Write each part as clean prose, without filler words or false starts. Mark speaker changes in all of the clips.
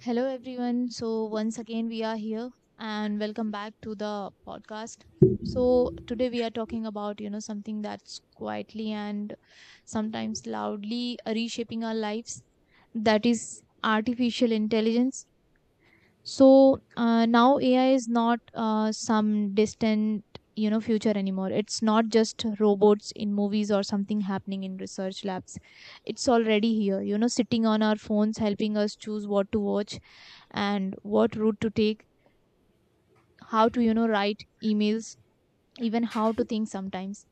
Speaker 1: Hello, everyone. So, once again, we are here and welcome back to the podcast. So, today we are talking about, something that's quietly and sometimes loudly reshaping our lives, that is artificial intelligence. So, now AI is not some distant, future anymore. It's not just robots in movies or something happening in research labs. It's already here, you know, sitting on our phones, helping us choose what to watch and what route to take, how to write emails, even how to think sometimes.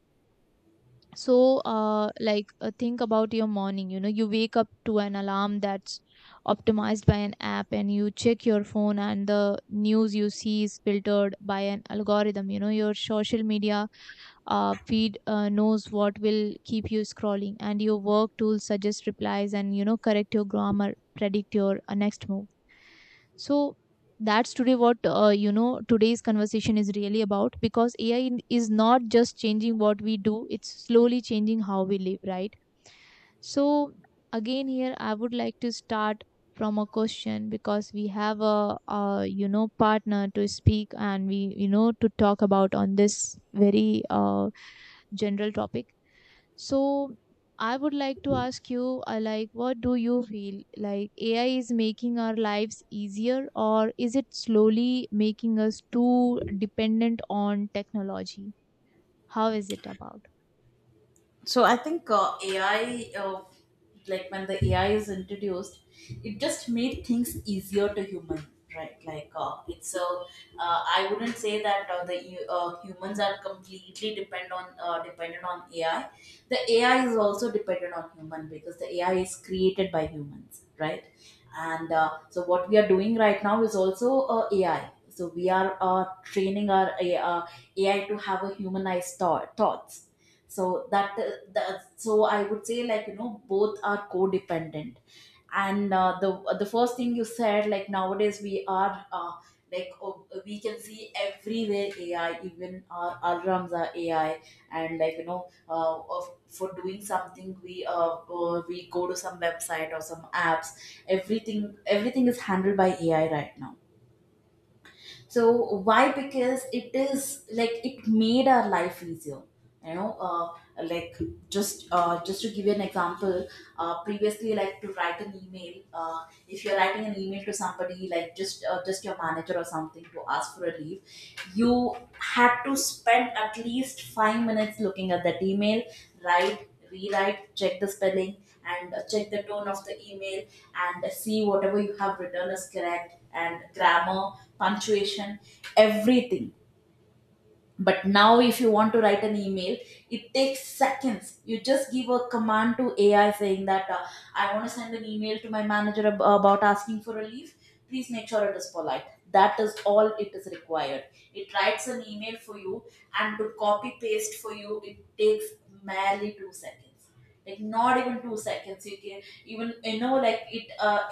Speaker 1: So think about your morning. You know, you wake up to an alarm that's optimized by an app, and you check your phone and the news you see is filtered by an algorithm. You know, your social media feed knows what will keep you scrolling, and your work tools suggest replies and, you know, correct your grammar, predict your next move. So that's today what you know today's conversation is really about, because is not just changing what we do, it's slowly changing how we live, right? So again, here I would like to start from a question, because we have a you know partner to speak and we, you know, to talk about on this very general topic. So I would like to ask you, like, what do you feel? Like, AI is making our lives easier, or is it slowly making us too dependent on technology? How is it about?
Speaker 2: So I think AI, like when the AI is introduced, it just made things easier to human, right? Like it's so I wouldn't say that the humans are completely depend on dependent on AI. The AI is also dependent on human because the AI is created by humans, right? And so what we are doing right now is also AI. So we are training our uh, AI to have a humanized thoughts so that, I would say, both are codependent. And the first thing you said, like nowadays we are like, oh, we can see everywhere AI, even our alarms are AI. And for doing something, we go to some website or some apps. Everything is handled by AI right now. So why? Because it is like it made our life easier. you know uh, like just just to give you an example, previously, like, to write an email, if you're writing an email to somebody, like, just your manager or something, to ask for a leave, you had to spend at least 5 minutes looking at that email, write, rewrite, check the spelling, and check the tone of the email, and see whatever you have written is correct, and grammar, punctuation, everything. But now, if you want to write an email, it takes seconds. You just give a command to AI saying that I want to send an email to my manager about asking for a leave, please make sure it is polite. That is all it is required. It writes an email for you, and to copy paste for you, it takes merely 2 seconds. Like, not even 2 seconds. You can even, you know, like, it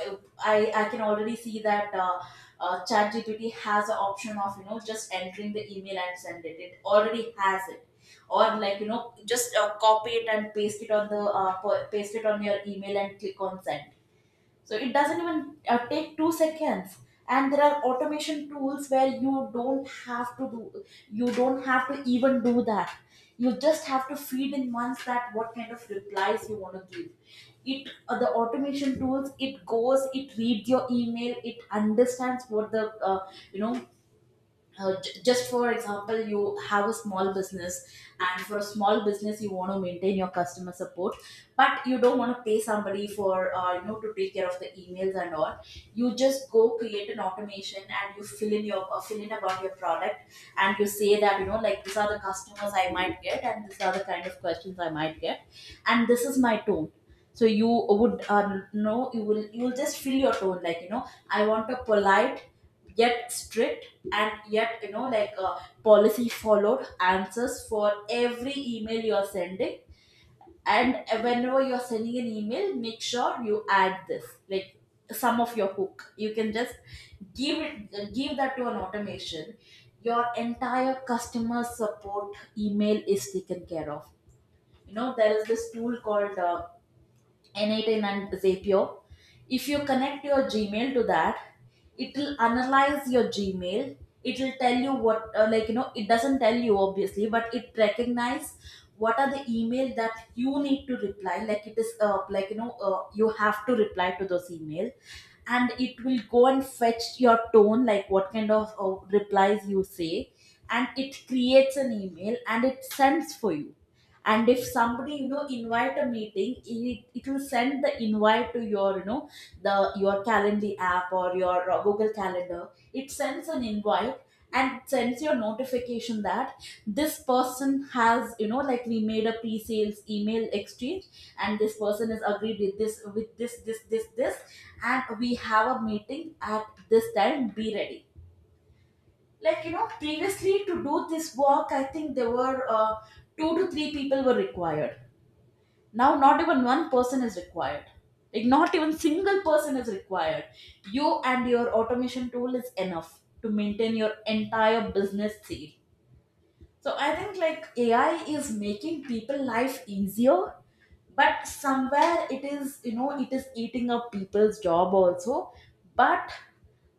Speaker 2: I can already see that ChatGPT has an option of, you know, just entering the email and send it. It already has it. Or, like, you know, just copy it and paste it on the paste it on your email and click on send. So it doesn't even take 2 seconds. And there are automation tools where you don't have to even do that. You just have to feed in once that what kind of replies you want to give. It the automation tools, it goes, it reads your email, it understands what the you know just for example, you have a small business, and for a small business you want to maintain your customer support, but you don't want to pay somebody for, to take care of the emails and all. You just go create an automation and you fill in your fill in about your product. And you say that, you know, like, these are the customers I might get, and these are the kind of questions I might get, and this is my tone. So you would know you will, you will just fill your tone, like, you know, I want a polite, yet strict, and yet, you know, like, policy followed answers for every email you're sending. And whenever you're sending an email, make sure you add this, like, some of your hook. You can just give that to an automation, your entire customer support email is taken care of. You know, there is this tool called n18 and Zapier. If you connect your Gmail to that, it will analyze your Gmail. It will tell you what, like, you know, it doesn't tell you, obviously, but it recognize what are the email that you need to reply, like, it is, you have to reply to those email. And it will go and fetch your tone, like, what kind of replies you say. And it creates an email and it sends for you. And if somebody, you know, invite a meeting, it will send the invite to your, you know, the your Calendly app or your Google Calendar, it sends an invite. And sends your notification that this person has, you know, like, we made a pre-sales email exchange, and this person is agreed with this, with this, this, this, this, and we have a meeting at this time, be ready. Like, you know, previously, to do this work, I think there were two to three people were required. Now, not even one person is required. Like, not even single person is required. You and your automation tool is enough to maintain your entire business theme. So I think, like, AI is making people life easier, but somewhere, it is, you know, it is eating up people's job also. But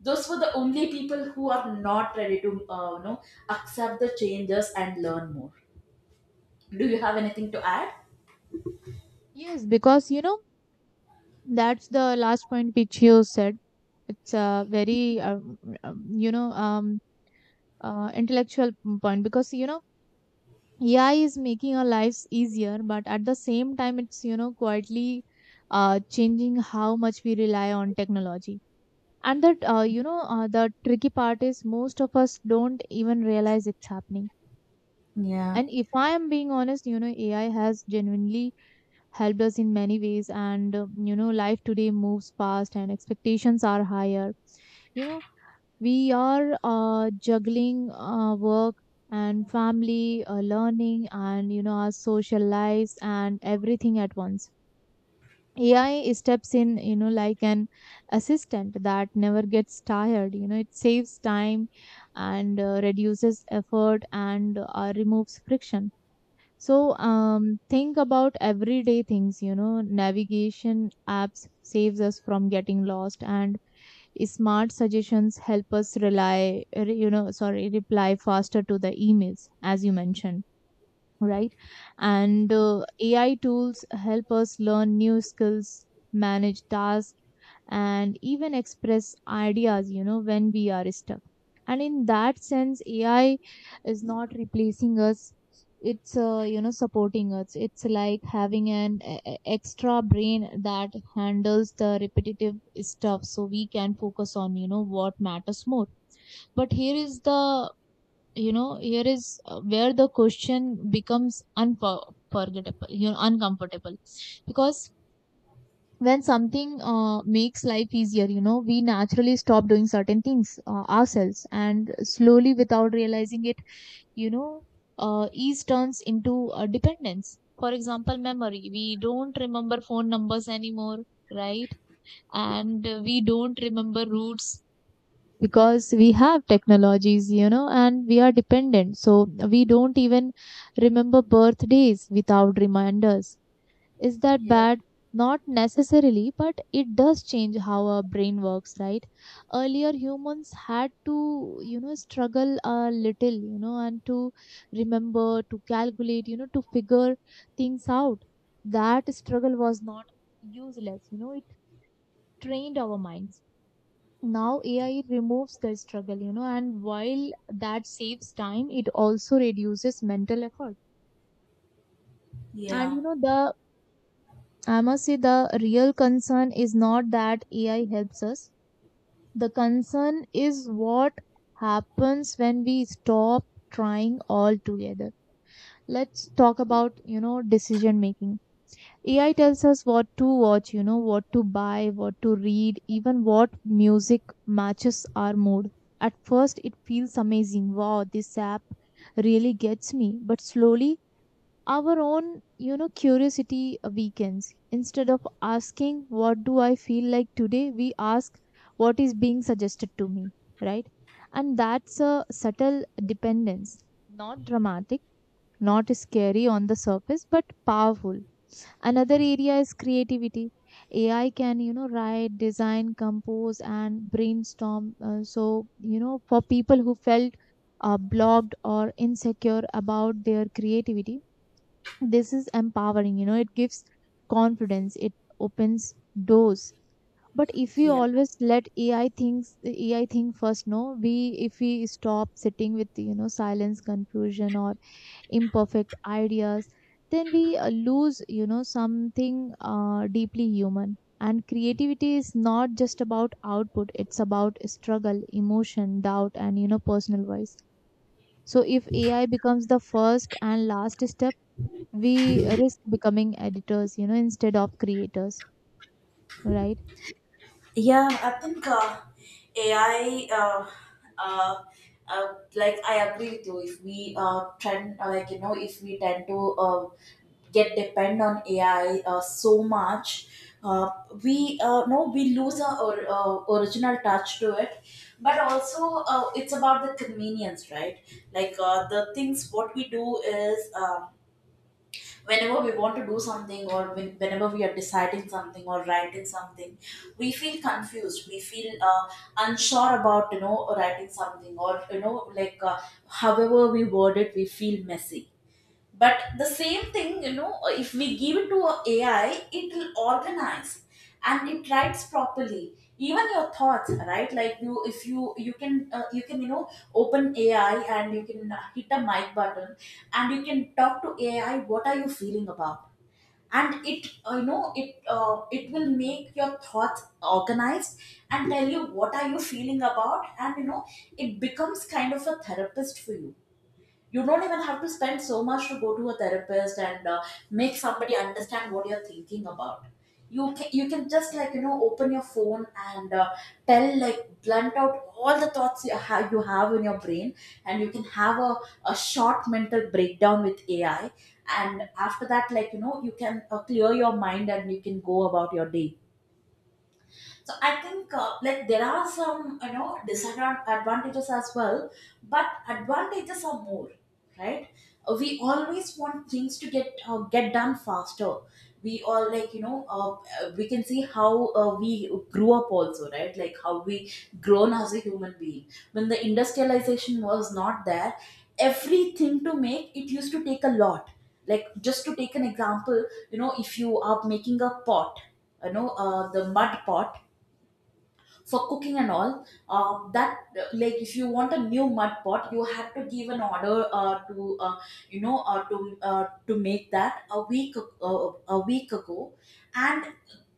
Speaker 2: those were the only people who are not ready to you know, accept the changes and learn more. Do you have anything to add?
Speaker 1: Yes, because you know that's the last point which you said. It's a very um, you know um intellectual point, because you know AI is making our lives easier, but at the same time, it's, you know, quietly changing how much we rely on technology. And that, the tricky part is most of us don't even realize it's happening.
Speaker 2: Yeah.
Speaker 1: And if I am being honest, you know AI has genuinely helped us in many ways, and you know life today moves fast and expectations are higher. You know, we are juggling work and family, learning, and you know our social lives and everything at once. AI steps in, you know, like an assistant that never gets tired. You know, it saves time and reduces effort and removes friction. So think about everyday things. You know, navigation apps saves us from getting lost, and smart suggestions help us rely, re- you know, sorry, reply faster to the emails, as you mentioned, right? And AI tools help us learn new skills, manage tasks, and even express ideas, you know, when we are stuck. And in that sense, AI is not replacing us. It's, supporting us. It's like having an extra brain that handles the repetitive stuff so we can focus on, you know, what matters more. But here is where the question becomes unforgettable you know uncomfortable, because when something makes life easier, you know, we naturally stop doing certain things ourselves, and slowly, without realizing it, you know, ease turns into a dependence. For example, memory. We don't remember phone numbers anymore, right? And we don't remember routes because we have technologies, you know, and we are dependent. So we don't even remember birthdays without reminders. Is that
Speaker 2: yeah
Speaker 1: bad? Not necessarily, but it does change how our brain works, right? Earlier, humans had to, you know, struggle a little, you know, and to remember, to calculate, you know, to figure things out. That struggle was not useless, you know, it trained our minds. Now AI removes the struggle, you know, and while that saves time, it also reduces mental effort. And
Speaker 2: yeah
Speaker 1: you know, the I must say the real concern is not that AI helps us. The concern is what happens when we stop trying altogether. Let's talk about, you know, decision making. AI tells us what to watch, you know, what to buy, what to read, even what music matches our mood. At first, it feels amazing. Wow, this app really gets me. But slowly, our own you know curiosity weakens. Instead of asking what do I feel like today, we ask what is being suggested to me, right? And that's a subtle dependence, not dramatic, not scary on the surface, but powerful. Another area is creativity. AI can, you know, write, design, compose, and brainstorm, so you know for people who felt blocked or insecure about their creativity, this is empowering. You know, it gives confidence, it opens doors. But if we
Speaker 2: yeah
Speaker 1: always let AI think first, no we if we stop sitting with, you know, silence, confusion, or imperfect ideas, then we lose, you know, something deeply human. And creativity is not just about output, it's about struggle, emotion, doubt, and you know personal voice. So if AI becomes the first and last step, we risk becoming editors, you know, instead of creators, right?
Speaker 2: Yeah, I think uh, AI, uh, uh, uh, like, I agree with you. If we trend, like you know, if we tend to get depend on AI so much, uh, we no, we lose our original touch to it. But also, it's about the convenience, right? Like, the things what we do is. Whenever we want to do something, or whenever we are deciding something or writing something, we feel confused, we feel unsure about, you know, writing something, or, you know, like, however we word it, we feel messy. But the same thing, you know, if we give it to a AI, it will organize and it writes properly. Even your thoughts, right? Like, you, if you, you can, you know, open AI, and you can hit a mic button, and you can talk to AI. What are you feeling about? And it will make your thoughts organized and tell you what are you feeling about. And, you know, it becomes kind of a therapist for you. You don't even have to spend so much to go to a therapist and make somebody understand what you're thinking about. You can, just, like, you know, open your phone, and tell, like, blunt out all the thoughts you have in your brain. And you can have a short mental breakdown with AI. And after that, like, you know, you can clear your mind and you can go about your day. So I think, like, there are some, you know, disadvantages as well, but advantages are more, right? We always want things to get done faster. We all, like, you know, we can see how we grew up also, right? Like, how we grown as a human being. When the industrialization was not there, everything to make it used to take a lot. Like, just to take an example, you know, if you are making a pot, you know, the mud pot for cooking and all, that like, if you want a new mud pot, you have to give an order to you know to make that a a week ago. And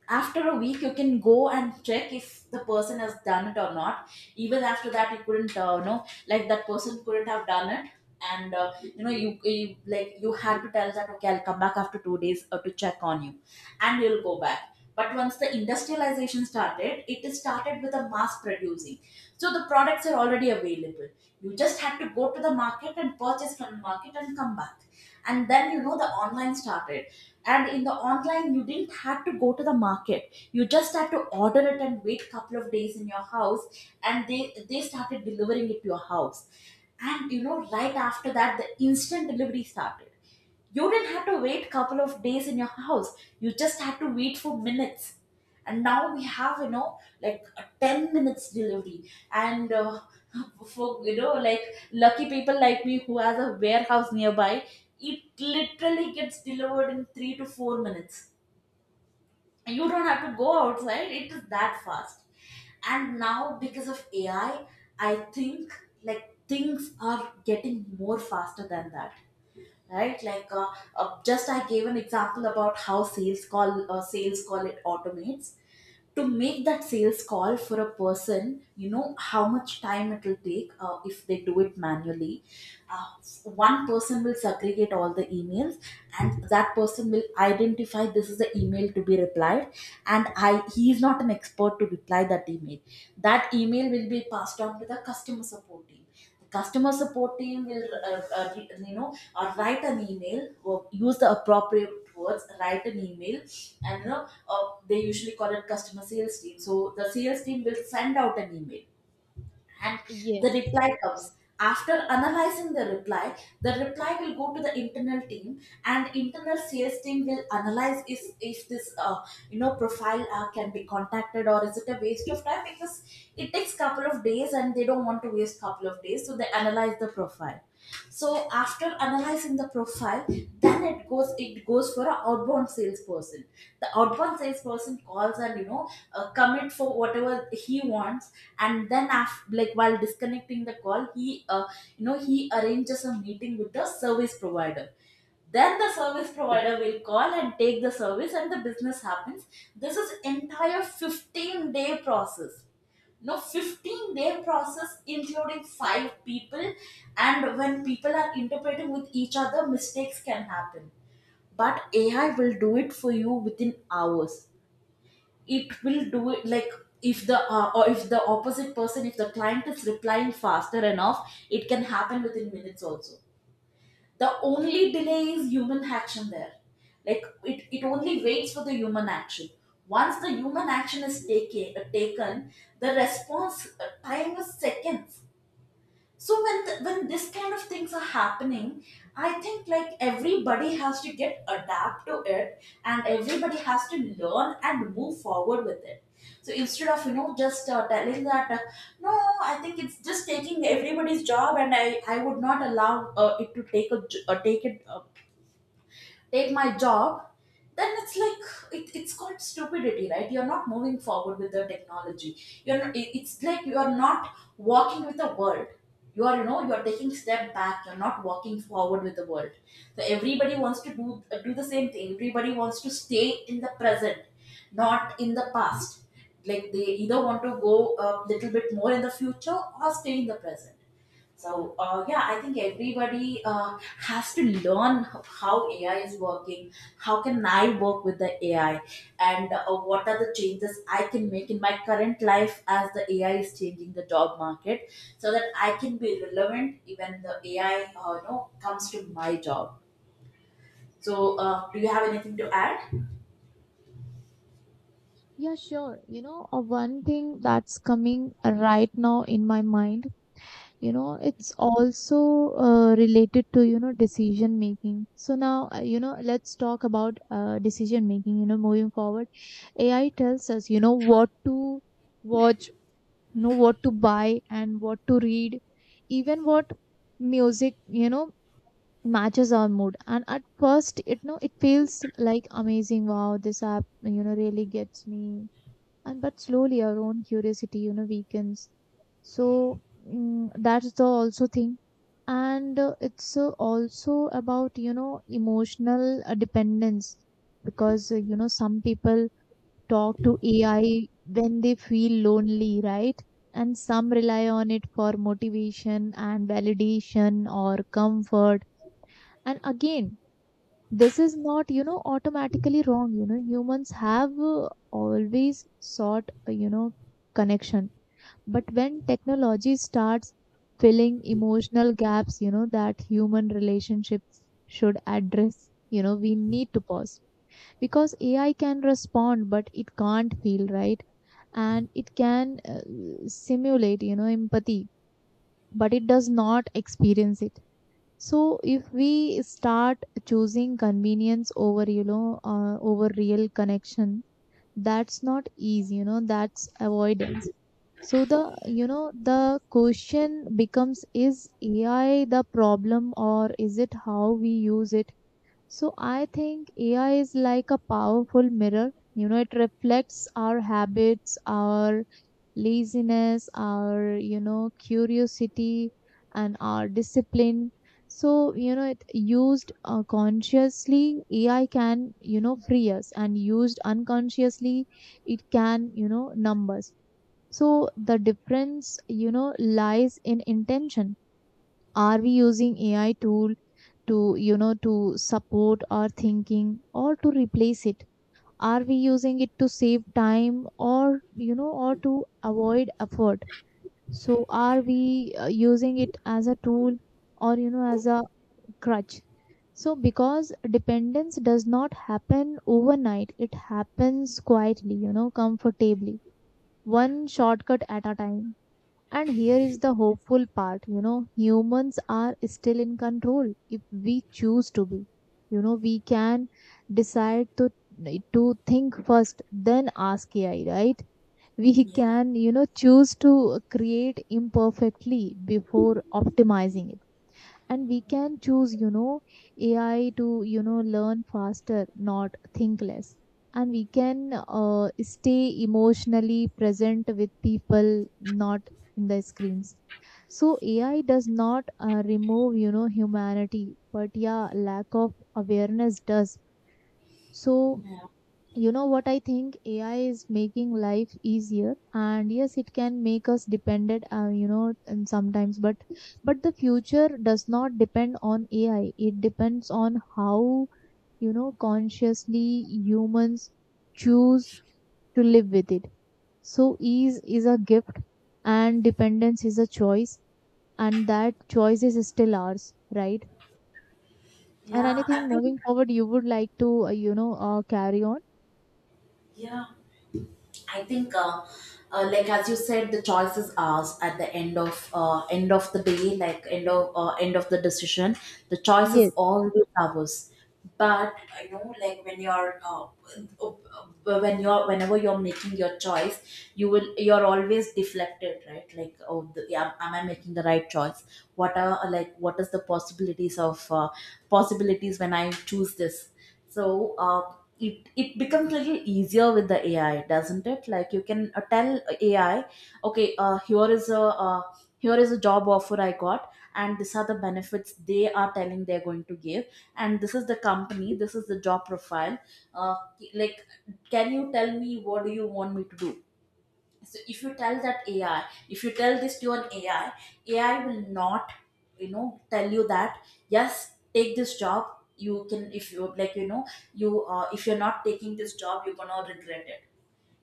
Speaker 2: after a week, you can go and check if the person has done it or not. Even after that, you couldn't, you know, like, that person couldn't have done it. And, you know, you, like, you had to tell that, okay, I'll come back after 2 days to check on you. And you'll go back. But once the industrialization started, it is started with a mass producing. So the products are already available, you just had to go to the market and purchase from the market and come back. And then, you know, the online started. And in the online, you didn't have to go to the market, you just had to order it and wait couple of days in your house. And they started delivering it to your house. And, you know, right after that, the instant delivery started. You didn't have to wait couple of days in your house, you just had to wait for minutes. And now we have, you know, like, a 10 minutes delivery and for, you know, like, lucky people like me who has a warehouse nearby, it literally gets delivered in 3 to 4 minutes. You don't have to go outside, it is that fast. And now, because of AI, I think, like, things are getting more faster than that, right? Like, just, I gave an example about how sales call, it automates. To make that sales call for a person, you know how much time it will take if they do it manually. uh, One person will segregate all the emails, and that person will identify this is the email to be replied, and I he is not an expert to reply that email. That email will be passed on to the customer support team. The customer support team will you know or write an email or use the appropriate words, write an email. And they usually call it customer sales team, so the sales team will send out an email. And the
Speaker 1: Yes.
Speaker 2: reply comes. After analyzing the reply, the reply will go to the internal team, and internal sales team will analyze if this, profile can be contacted or is it a waste of time, because it takes couple of days and they don't want to waste couple of days, so they analyze the profile. So after analyzing the profile, then it goes for an outbound salesperson. The outbound salesperson calls, and commit for whatever he wants, and then after, like while disconnecting the call, he you know he arranges a meeting with the service provider. Then the service provider will call and take the service and the business happens. This is entire 15-day day process. No, 15-day day process including five people. And when people are interpreting with each other, mistakes can happen. But AI will do it for you within hours. It will do it like, if the opposite person, if the client is replying faster enough, it can happen within minutes also. The only delay is human action there. Like it only waits for the human action. Once the human action is taken, taken, the response time is seconds. So when this kind of things are happening, I think like everybody has to get adapt to it and everybody has to learn and move forward with it. So instead of you know just telling that, no, I think it's just taking everybody's job and I would not allow it to take a take it, take my job, then it's like, it's called stupidity, right? You're not moving forward with the technology. You're not, it's like you're not walking with the world. You're taking step back, you're not walking forward with the world. So everybody wants to do the same thing, everybody wants to stay in the present, not in the past. Like they either want to go a little bit more in the future or stay in the present. So yeah, I think everybody has to learn how AI is working. How can I work with the AI, and what are the changes I can make in my current life as the AI is changing the job market, so that I can be relevant even the AI comes to my job. So do you have anything to add?
Speaker 1: Yeah, sure. You know, one thing that's coming right now in my mind, you know, it's also related to, you know, decision making. So now, you know, let's talk about decision making, you know, moving forward. AI tells us, you know, what to watch, you know, what to buy and what to read, even what music, you know, matches our mood. And at first it no it feels like amazing. Wow, this app you know really gets me. And but slowly our own curiosity you know weakens. So mm, that's the also thing. And it's also about you know emotional dependence, because, you know, some people talk to AI when they feel lonely, right? And some rely on it for motivation and validation or comfort. And again, this is not, you know, automatically wrong. You know, humans have always sought you know connection. But when technology starts filling emotional gaps, you know, that human relationships should address, you know, we need to pause. Because AI can respond but it can't feel, right? And it can simulate, you know, empathy, but it does not experience it. So if we start choosing convenience over, over real connection, that's not easy, you know, that's avoidance. So the, you know, the question becomes, is AI the problem or is it how we use it? So I think AI is like a powerful mirror. You know, it reflects our habits, our laziness, our, you know, curiosity, and our discipline. So, you know, it used consciously, AI can, you know, free us, and used unconsciously, it can, you know, numbers. So the difference, you know, lies in intention. Are we using AI tool to, to support our thinking or to replace it? Are we using it to save time or, you know, or to avoid effort? So are we using it as a tool or, you know, as a crutch? So because dependence does not happen overnight, it happens quietly, you know, comfortably, one shortcut at a time. And here is the hopeful part, you know, humans are still in control if we choose to be. You know, we can decide to think first, then ask AI, right? We
Speaker 2: Yeah,
Speaker 1: can, you know, choose to create imperfectly before optimizing it. And we can choose, you know, AI to, you know, learn faster, not think less. And we can stay emotionally present with people, not in the screens. So AI does not remove, you know, humanity, but yeah, lack of awareness does. So
Speaker 2: yeah,
Speaker 1: you know what, I think AI is making life easier, and yes, it can make us dependent, you know, and sometimes, but the future does not depend on AI, it depends on how, you know, consciously humans choose to live with it. So ease is a gift and dependence is a choice, and that choice is still ours, right? And
Speaker 2: yeah. I
Speaker 1: anything
Speaker 2: think
Speaker 1: moving forward you would like to, carry on?
Speaker 2: yeah. I think, like as you said, the choice is ours at the end of the day, like end of the decision. The choice is always ours. But you know, like when you're when you're, whenever you're making your choice, you're always deflected, right? Like, oh, the, yeah, am I making the right choice? What are like what is the possibilities of possibilities when I choose this? So. It it becomes a little easier with the AI, doesn't it? Like you can tell AI, okay, here is a job offer I got, and these are the benefits they are telling they're going to give, and this is the company, this is the job profile. uh, like, can you tell me what do you want me to do? So if you tell that AI, if you tell this to an AI, AI will not, you know, tell you that, yes, take this job, you can, if you like, you know, you if you're not taking this job, you're gonna regret it.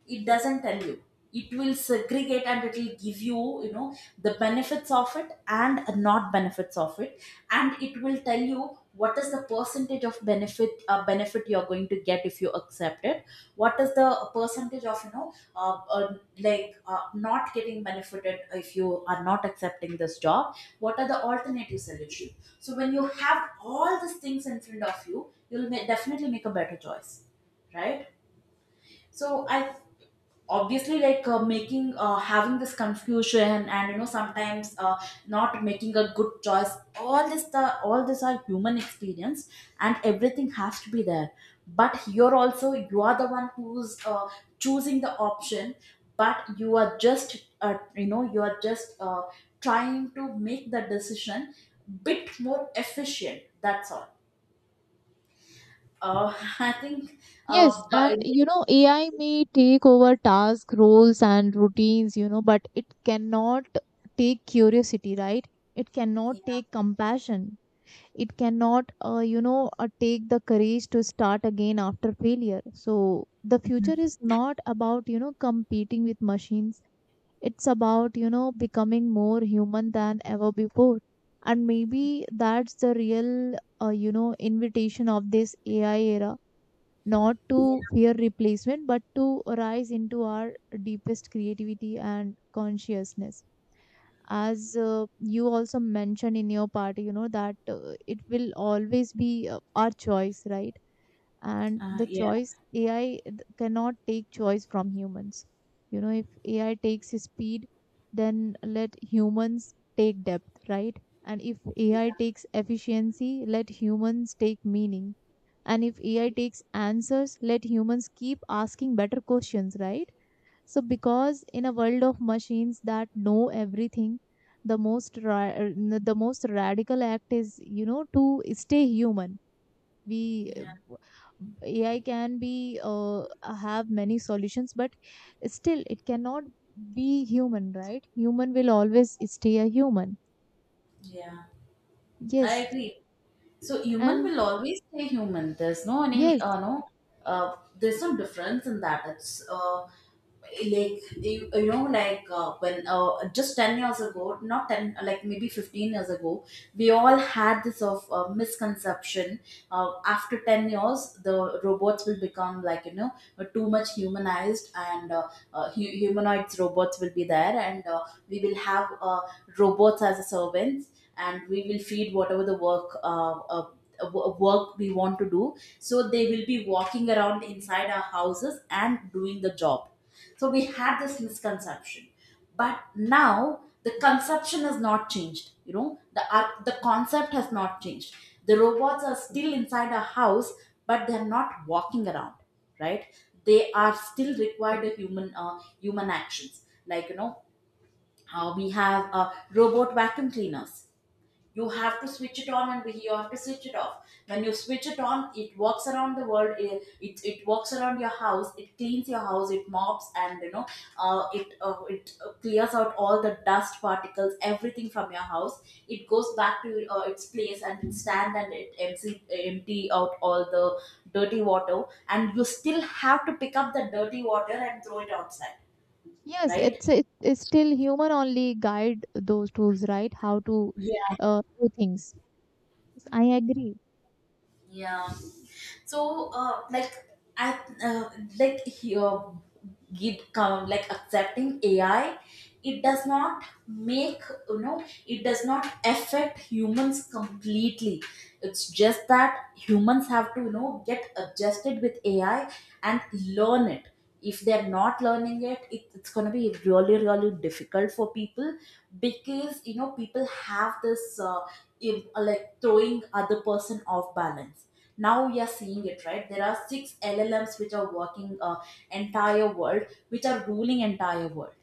Speaker 2: It doesn't tell you. It will segregate and it will give you, you know, the benefits of it and not benefits of it. And it will tell you what is the percentage of benefit you're going to get if you accept it, what is the percentage of not getting benefited if you are not accepting this job, what are the alternative solution. So when you have all these things in front of you, you'll definitely make a better choice, right? So I obviously, like, making having this confusion and you know, sometimes not making a good choice, all this are human experience, and everything has to be there. But you're also, you are the one who's choosing the option, but you are just, you are just, trying to make the decision bit more efficient, that's all. uh, I think
Speaker 1: Yes,
Speaker 2: but
Speaker 1: and you
Speaker 2: yeah.
Speaker 1: know, AI may take over task roles and routines, you know, but it cannot take curiosity, right? It cannot take compassion. It cannot, take the courage to start again after failure. So the future is not about, you know, competing with machines. It's about, you know, becoming more human than ever before. And maybe that's the real, invitation of this AI era, not to fear replacement, but to rise into our deepest creativity and consciousness. As you also mentioned in your part, you know, that it will always be our choice, right? And
Speaker 2: uh,
Speaker 1: the
Speaker 2: yeah
Speaker 1: choice, cannot take choice from humans. You know, if AI takes speed, then let humans take depth, right? And if AI takes efficiency, let humans take meaning. And if AI takes answers, let humans keep asking better questions, right? So because in a world of machines that know everything, the most the most radical act is, you know, to stay human. We
Speaker 2: yeah,
Speaker 1: AI can be have many solutions, but still it cannot be human, right? Human will always stay a human.
Speaker 2: yeah, I
Speaker 1: Yes.
Speaker 2: agree. So human
Speaker 1: And
Speaker 2: will always stay human. There's no any
Speaker 1: yes.
Speaker 2: no, there's no difference in that. It's like you know, like when just 10 years ago, not 10, like maybe 15 years ago, we all had this of misconception, after 10 years the robots will become like, you know, too much humanized, and humanoids robots will be there, and we will have robots as a servants, and we will feed whatever the work we want to do. So they will be walking around inside our houses and doing the job. So we had this misconception, but now the conception has not changed, you know, the concept has not changed. The robots are still inside our house, but they're not walking around, right? They are still required a human actions. Like, you know, we have robot vacuum cleaners. You have to switch it on and you have to switch it off. When you switch it on, it walks around the world, it walks around your house, it cleans your house, it mops, and you know, it it clears out all the dust particles, everything from your house. It goes back to its place and it stand and it empty out all the dirty water, and you still have to pick up the dirty water and throw it outside,
Speaker 1: Yes,
Speaker 2: right?
Speaker 1: it's it's still human only guide those tools, right? How to
Speaker 2: Yeah.
Speaker 1: do things. Yes, I agree.
Speaker 2: Yeah. So like, I like here give come like, accepting AI, it does not make, you know, it does not affect humans completely. It's just that humans have to, you know, get adjusted with AI and learn it. If they're not learning it, it, it's going to be really really difficult for people. Because you know people have this, like throwing other person off balance. Now we are seeing it, right? There are six LLMs which are working, entire world, which are ruling entire world.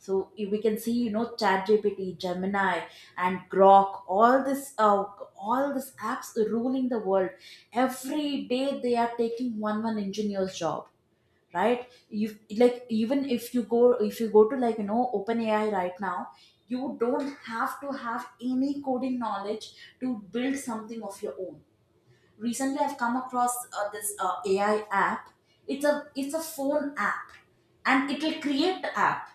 Speaker 2: So if we can see, you know, ChatGPT, Gemini, and Grok, all these apps ruling the world. Every day they are taking one engineer's job, right? You, like, even if you go, if you go to, like, you know, OpenAI right now, you don't have to have any coding knowledge to build something of your own. Recently I've come across this AI app. It's a phone app, and it will create the app,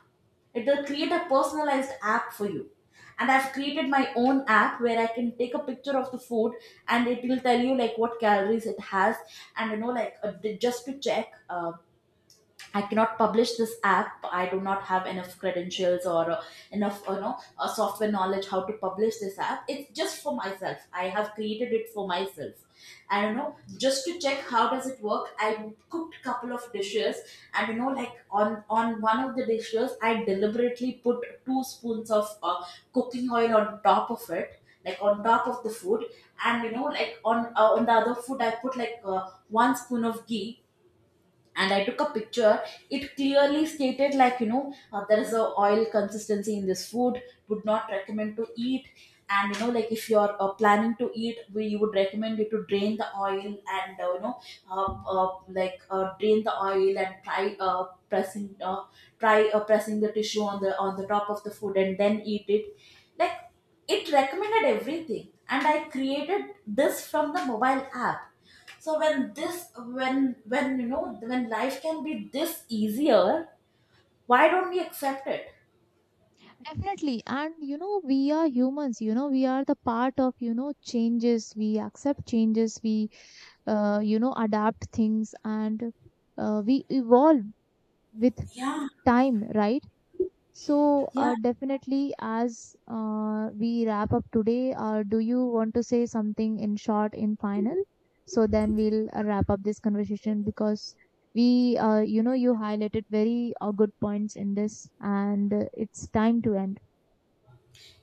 Speaker 2: it will create a personalized app for you. And I've created my own app where I can take a picture of the food and it will tell you like what calories it has. And you know, like, just to check, I cannot publish this app. I do not have enough credentials or enough, you know, software knowledge how to publish this app. It's just for myself. I have created it for myself. I don't know, just to check how does it work. I cooked couple of dishes, and you know, like, on one of the dishes, I deliberately put two spoons of cooking oil on top of it, like on top of the food. And you know, like, on the other food, I put, like, one spoon of ghee, and I took a picture. It clearly stated, like, you know, there is a oil consistency in this food, would not recommend to eat. And you know, like, if you're, planning to eat, we you would recommend you to drain the oil. And uh, you know uh, uh, like uh, drain the oil and pressing uh, try pressing the tissue on the top of the food and then eat it. Like, it recommended everything, and I created this from the mobile app. So when this, when you know, when life can be this easier, why don't we accept it?
Speaker 1: Definitely. And you know, we are humans, you know, we are the part of, you know, changes. We accept changes, we, you know, adapt things, and we evolve with
Speaker 2: Yeah,
Speaker 1: time, right? So,
Speaker 2: yeah.
Speaker 1: definitely, as we wrap up today, do you want to say something in short, in final? So then we'll wrap up this conversation because we, you know, you highlighted very good points in this, and it's time to end.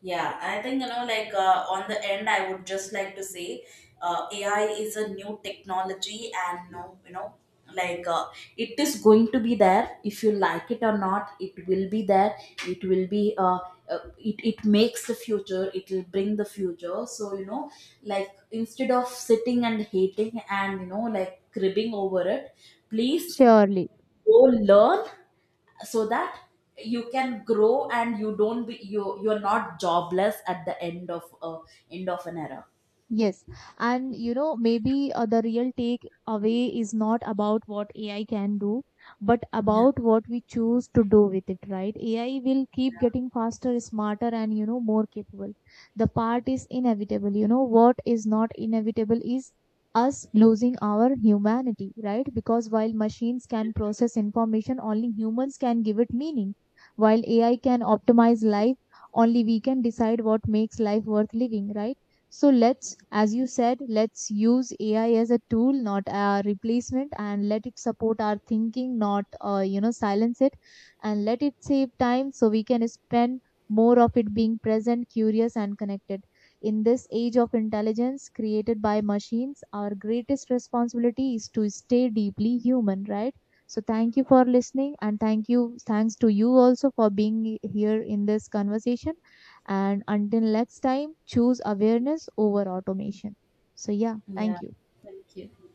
Speaker 2: Yeah, I think, you know, like, on the end, I would just like to say, AI is a new technology, and no, you know, like, it is going to be there. If you like it or not, it will be there. It will be. It it makes the future. It will bring the future. So you know, like, instead of sitting and hating and, you know, like, cribbing over it, please
Speaker 1: Surely.
Speaker 2: go learn, so that you can grow, and you don't be, you're not jobless at the end of an era.
Speaker 1: Yes, and you know, maybe the real take away is not about what AI can do, but
Speaker 2: Yeah.
Speaker 1: about what we choose to do with it, right? AI will keep getting faster, smarter, and you know, more capable. The part is inevitable. You know, what is not inevitable is us losing our humanity, right? Because while machines can process information, only humans can give it meaning. While AI can optimize life, only we can decide what makes life worth living, right? So let's, as you said, let's use AI as a tool, not a replacement, and let it support our thinking, not you know silence it, and let it save time so we can spend more of it being present, curious, and connected. In this age of intelligence created by machines, our greatest responsibility is to stay deeply human, right? So thank you for listening, and thank you, thanks to you also for being here in this conversation. And until next time, choose awareness over automation. So, yeah,
Speaker 2: Yeah.
Speaker 1: thank you.
Speaker 2: Thank you.